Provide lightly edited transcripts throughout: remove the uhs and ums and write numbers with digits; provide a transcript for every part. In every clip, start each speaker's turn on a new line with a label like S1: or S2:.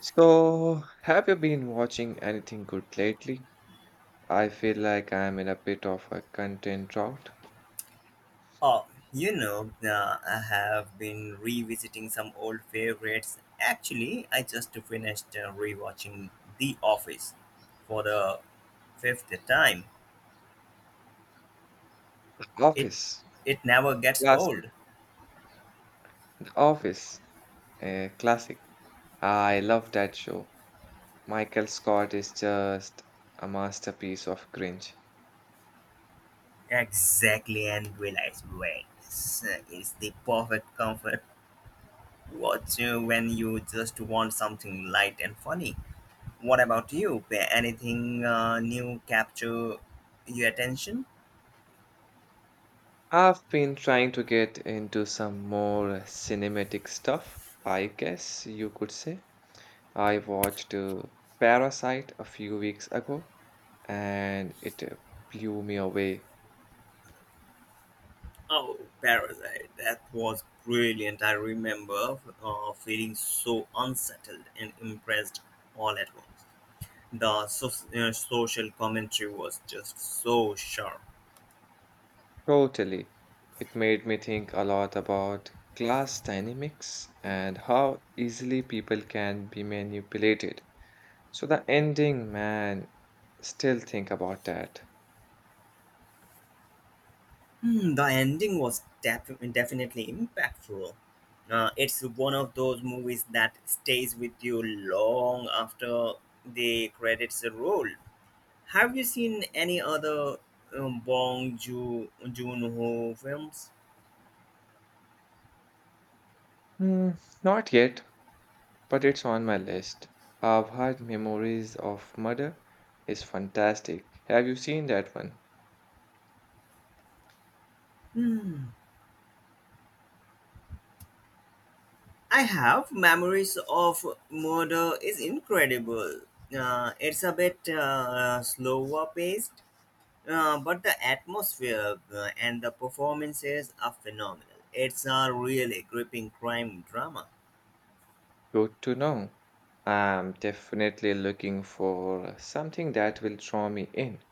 S1: So, have you been watching anything good lately? I feel like I'm in a bit of a content drought.
S2: Oh, I have been revisiting some old favorites. Actually, I just finished rewatching The Office for the fifth time. It
S1: Office,
S2: it never gets
S1: classic.
S2: old.
S1: The Office, classic. I love that show. Michael Scott is just a masterpiece of cringe.
S2: Exactly, and realize wait, it's the perfect comfort watch when you just want something light and funny. What about you? Anything new capture your attention?
S1: I've been trying to get into some more cinematic stuff, I guess you could say. I watched Parasite a few weeks ago, and it blew me away.
S2: Oh, Parasite. That was brilliant. I remember feeling so unsettled and impressed all at once. The social commentary was just so sharp.
S1: Totally. It made me think a lot about class dynamics and how easily people can be manipulated. So the ending, man, still think about that.
S2: Hmm, the ending was definitely impactful. It's one of those movies that stays with you long after the credits roll. Have you seen any other Bong Joon Ho films?
S1: Hmm, not yet, but it's on my list. I've heard Memories of Murder is fantastic. Have you seen that one?
S2: Hmm. I have memories of murder is incredible. It's a bit slower paced, but the atmosphere and the performances are phenomenal. It's a really gripping crime drama.
S1: Good to know. I'm definitely looking for something that will draw me in.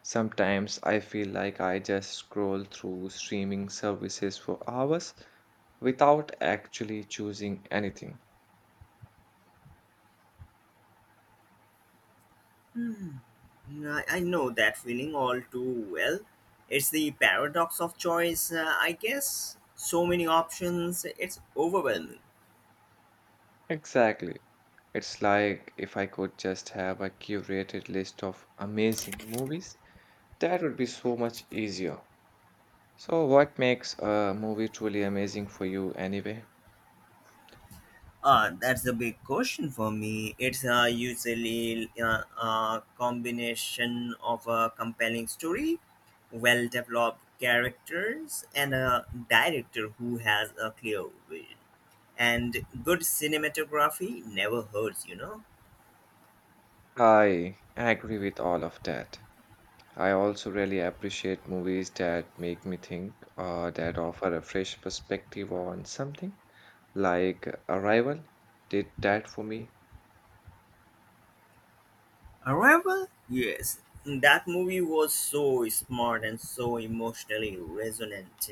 S1: Sometimes I feel like I just scroll through streaming services for hours without actually choosing anything.
S2: I know that feeling all too well. It's the paradox of choice, I guess. So many options, it's overwhelming.
S1: Exactly. It's like if I could just have a curated list of amazing movies, that would be so much easier. So, what makes a movie truly amazing for you anyway?
S2: That's a big question for me. It's usually a combination of a compelling story, well developed characters, and a director who has a clear vision. And good cinematography never hurts, you know.
S1: I agree with all of that. I also really appreciate movies that make me think or that offer a fresh perspective on something. Like Arrival did that for me.
S2: Arrival? Yes. That movie was so smart and so emotionally resonant.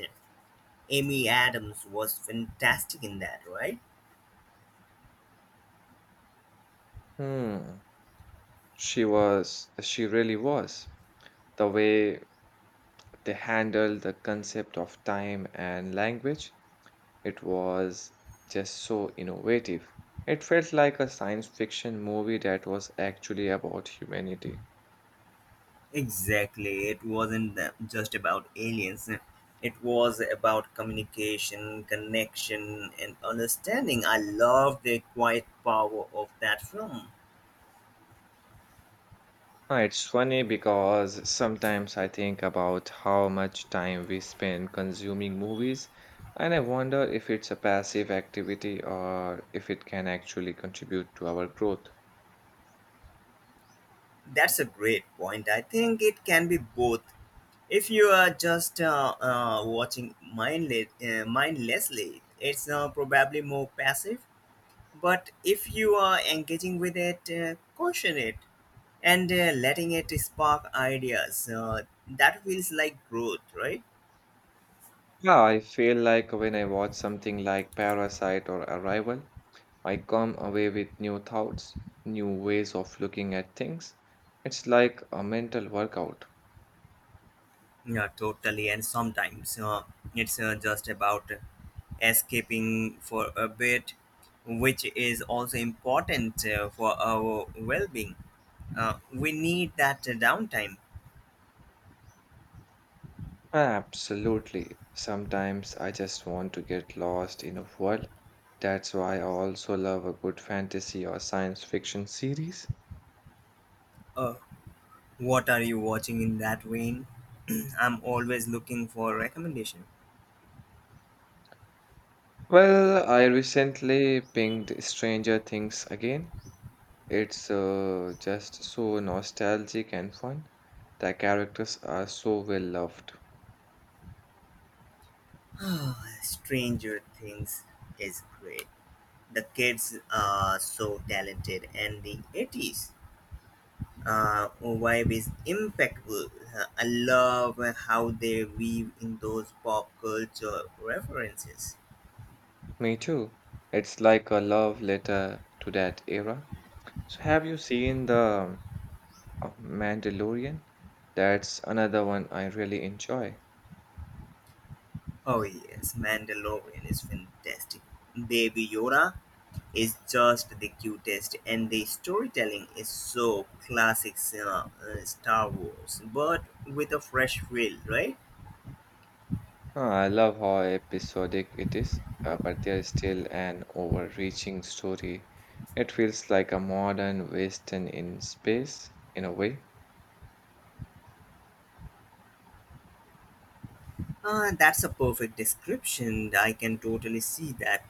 S2: Amy Adams was fantastic in that, right?
S1: Hmm. She was, she really was. The way they handled the concept of time and language, it was just so innovative. It felt like a science fiction movie that was actually about humanity.
S2: Exactly. It wasn't just about aliens. It was about communication, connection, and understanding. I love the quiet power of that film.
S1: It's funny because sometimes I think about how much time we spend consuming movies, and I wonder if it's a passive activity or if it can actually contribute to our growth.
S2: That's a great point. I think it can be both. If you are just watching mindlessly, it's probably more passive. But if you are engaging with it, caution it and letting it spark ideas. That feels like growth, right?
S1: Yeah, I feel like when I watch something like Parasite or Arrival, I come away with new thoughts, new ways of looking at things. It's like a mental workout.
S2: Yeah, totally. And sometimes it's just about escaping for a bit, which is also important for our well being. We need that downtime.
S1: Absolutely. Sometimes I just want to get lost in a world. That's why I also love a good fantasy or science fiction series.
S2: Uh, what are you watching in that vein? I'm always looking for recommendation.
S1: Well, I recently pinged Stranger Things again. It's just so nostalgic and fun. The characters are so well loved.
S2: Oh, Stranger Things is great. The kids are so talented, and the 80s vibe is impeccable. I love how they weave in those pop culture references.
S1: Me too. It's like a love letter to that era. So, have you seen The Mandalorian? That's another one I really enjoy.
S2: Oh, yes, Mandalorian is fantastic. Baby Yoda is just the cutest, and the storytelling is so classic Star Wars, but with a fresh feel, right?
S1: Huh, I love how episodic it is, but there is still an overreaching story. It feels like a modern western in space, in a way.
S2: That's a perfect description. I can totally see that.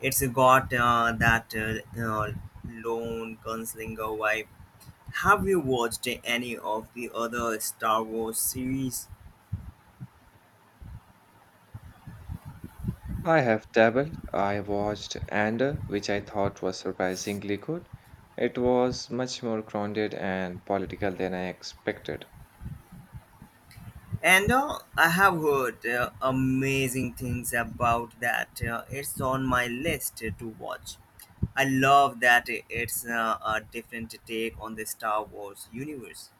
S2: It's got that lone gunslinger vibe. Have you watched any of the other Star Wars series?
S1: I have dabbled. I watched Ander, which I thought was surprisingly good. It was much more grounded and political than I expected.
S2: And I have heard amazing things about that. It's on my list to watch. I love that it's a different take on the Star Wars universe.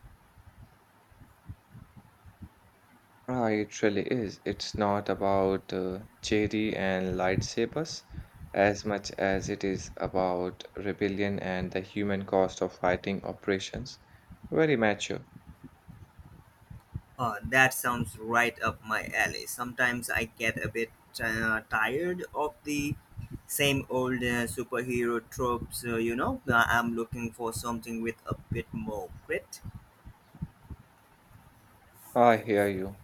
S1: Ah, it really is. It's not about cherry and lightsabers as much as it is about rebellion and the human cost of fighting operations. Very mature.
S2: That sounds right up my alley. Sometimes I get a bit tired of the same old superhero tropes, you know. I'm looking for something with a bit more grit.
S1: I hear you.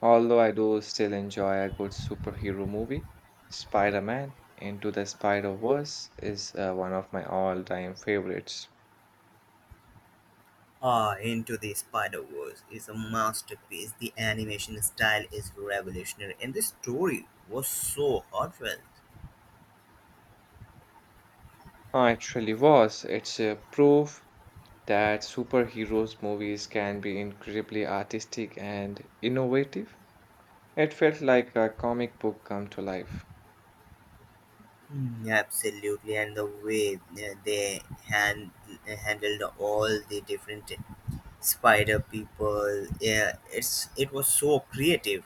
S1: Although I do still enjoy a good superhero movie, Spider-Man Into the Spider-Verse is one of my all-time favorites.
S2: Into the Spider Verse is a masterpiece. The animation style is revolutionary, and the story was so heartfelt.
S1: Ah, it really was. It's a proof that superheroes movies can be incredibly artistic and innovative. It felt like a comic book come to life.
S2: Mm, absolutely, and the way they hand, handled all the different Spider People. Yeah, it was so creative.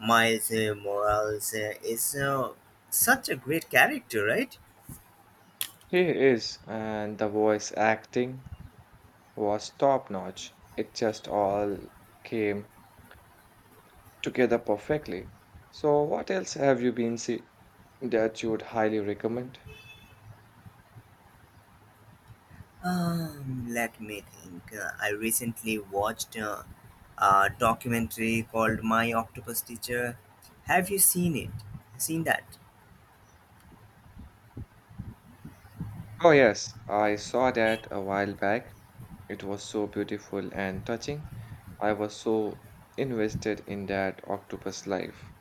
S2: Miles Morales is such a great character, right?
S1: He and the voice acting was top notch. It just all came together perfectly. So, what else have you been see that you would highly recommend?
S2: Let me think. I recently watched a documentary called My Octopus Teacher. Have you seen it? Seen that?
S1: Oh, yes, I saw that a while back. It was so beautiful and touching. I was so invested in that octopus life.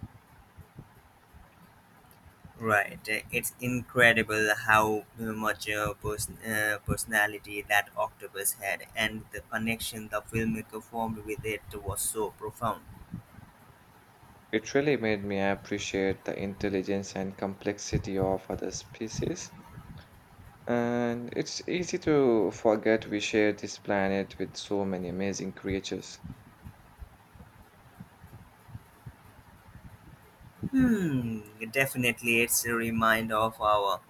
S2: Right. It's incredible how much personality that octopus had, and the connection the filmmaker formed with it was so profound.
S1: It really made me appreciate the intelligence and complexity of other species. And it's easy to forget we share this planet with so many amazing creatures.
S2: Hmm, definitely, it's a reminder of our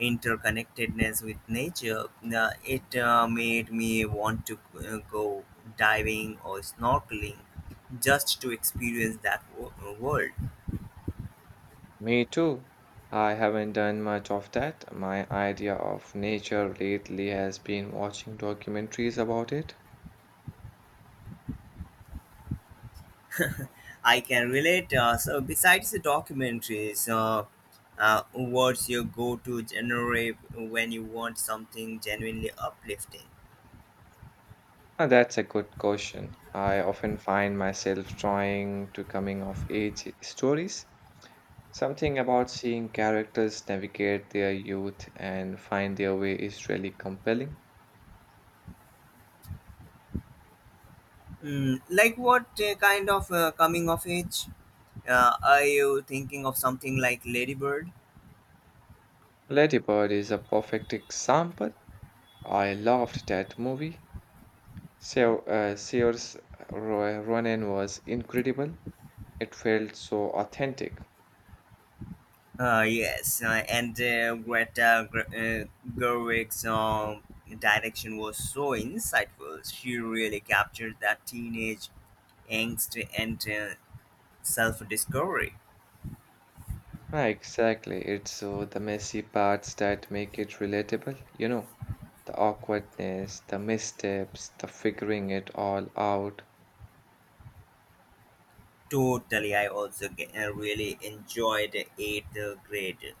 S2: interconnectedness with nature. It made me want to go diving or snorkeling just to experience that world.
S1: Me too. I haven't done much of that. My idea of nature lately has been watching documentaries about it.
S2: I can relate. So, besides the documentaries, what's your go-to genre when you want something genuinely uplifting?
S1: Ah, that's a good question. I often find myself trying to coming of age stories. Something about seeing characters navigate their youth and find their way is really compelling.
S2: Mm, like what kind of coming of age? Are you thinking of something like Ladybird?
S1: Ladybird is a perfect example. I loved that movie. So, Saoirse Ronan was incredible. It felt so authentic.
S2: Yes, and Gerwig's direction was so insightful. She really captured that teenage angst and self-discovery.
S1: Ah, exactly. It's the messy parts that make it relatable, you know, the awkwardness, the missteps, the figuring it all out.
S2: Totally, I also really enjoyed Eighth Grade.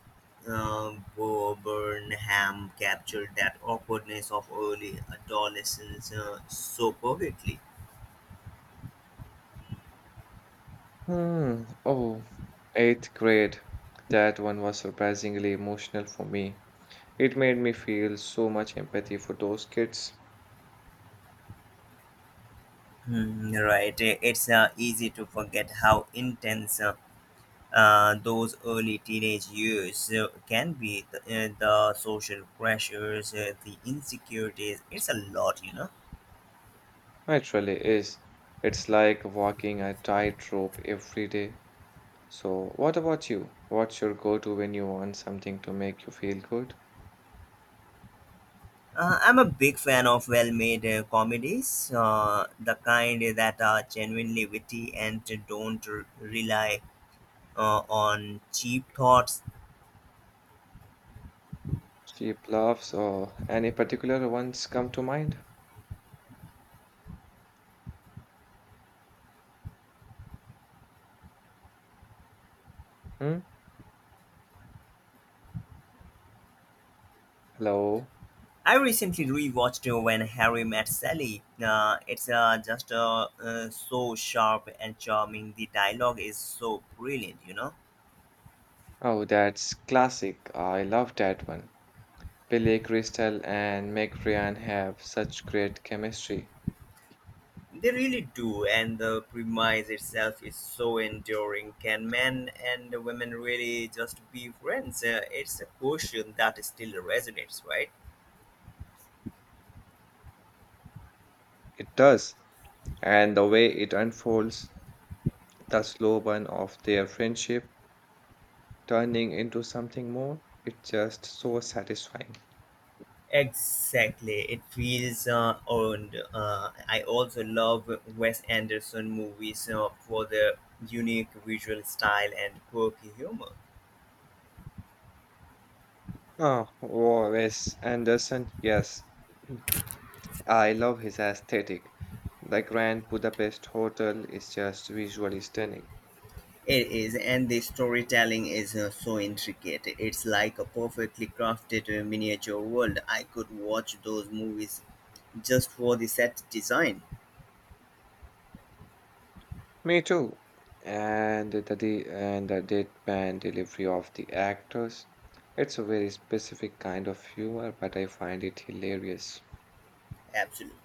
S2: Bo Burnham captured that awkwardness of early adolescence so perfectly.
S1: Hmm. Oh, eighth grade. That one was surprisingly emotional for me. It made me feel so much empathy for those kids.
S2: Hmm, right, it's easy to forget how intense those early teenage years can be the social pressures, the insecurities. It's a lot, you know.
S1: It really is. It's like walking a tightrope every day. So, what about you? What's your go-to when you want something to make you feel good?
S2: I'm a big fan of well made comedies, the kind that are genuinely witty and don't rely on cheap thoughts.
S1: Cheap laughs or any particular ones come to mind? Hmm? Hello?
S2: I recently rewatched When Harry Met Sally. It's just so sharp and charming. The dialogue is so brilliant, you know.
S1: Oh, that's classic. I love that one. Billy Crystal and Meg Ryan have such great chemistry.
S2: They really do, and the premise itself is so enduring. Can men and women really just be friends? It's a question that still resonates, right?
S1: It does. And the way it unfolds, the slow burn of their friendship turning into something more, it's just so satisfying.
S2: Exactly, it feels earned. I also love Wes Anderson movies for their unique visual style and quirky humor.
S1: Oh, oh, Wes Anderson, yes. I love his aesthetic. The Grand Budapest Hotel is just visually stunning.
S2: It is, and the storytelling is so intricate. It's like a perfectly crafted miniature world. I could watch those movies just for the set design.
S1: Me too. And and the deadpan delivery of the actors. It's a very specific kind of humor, but I find it hilarious.
S2: Absolutely.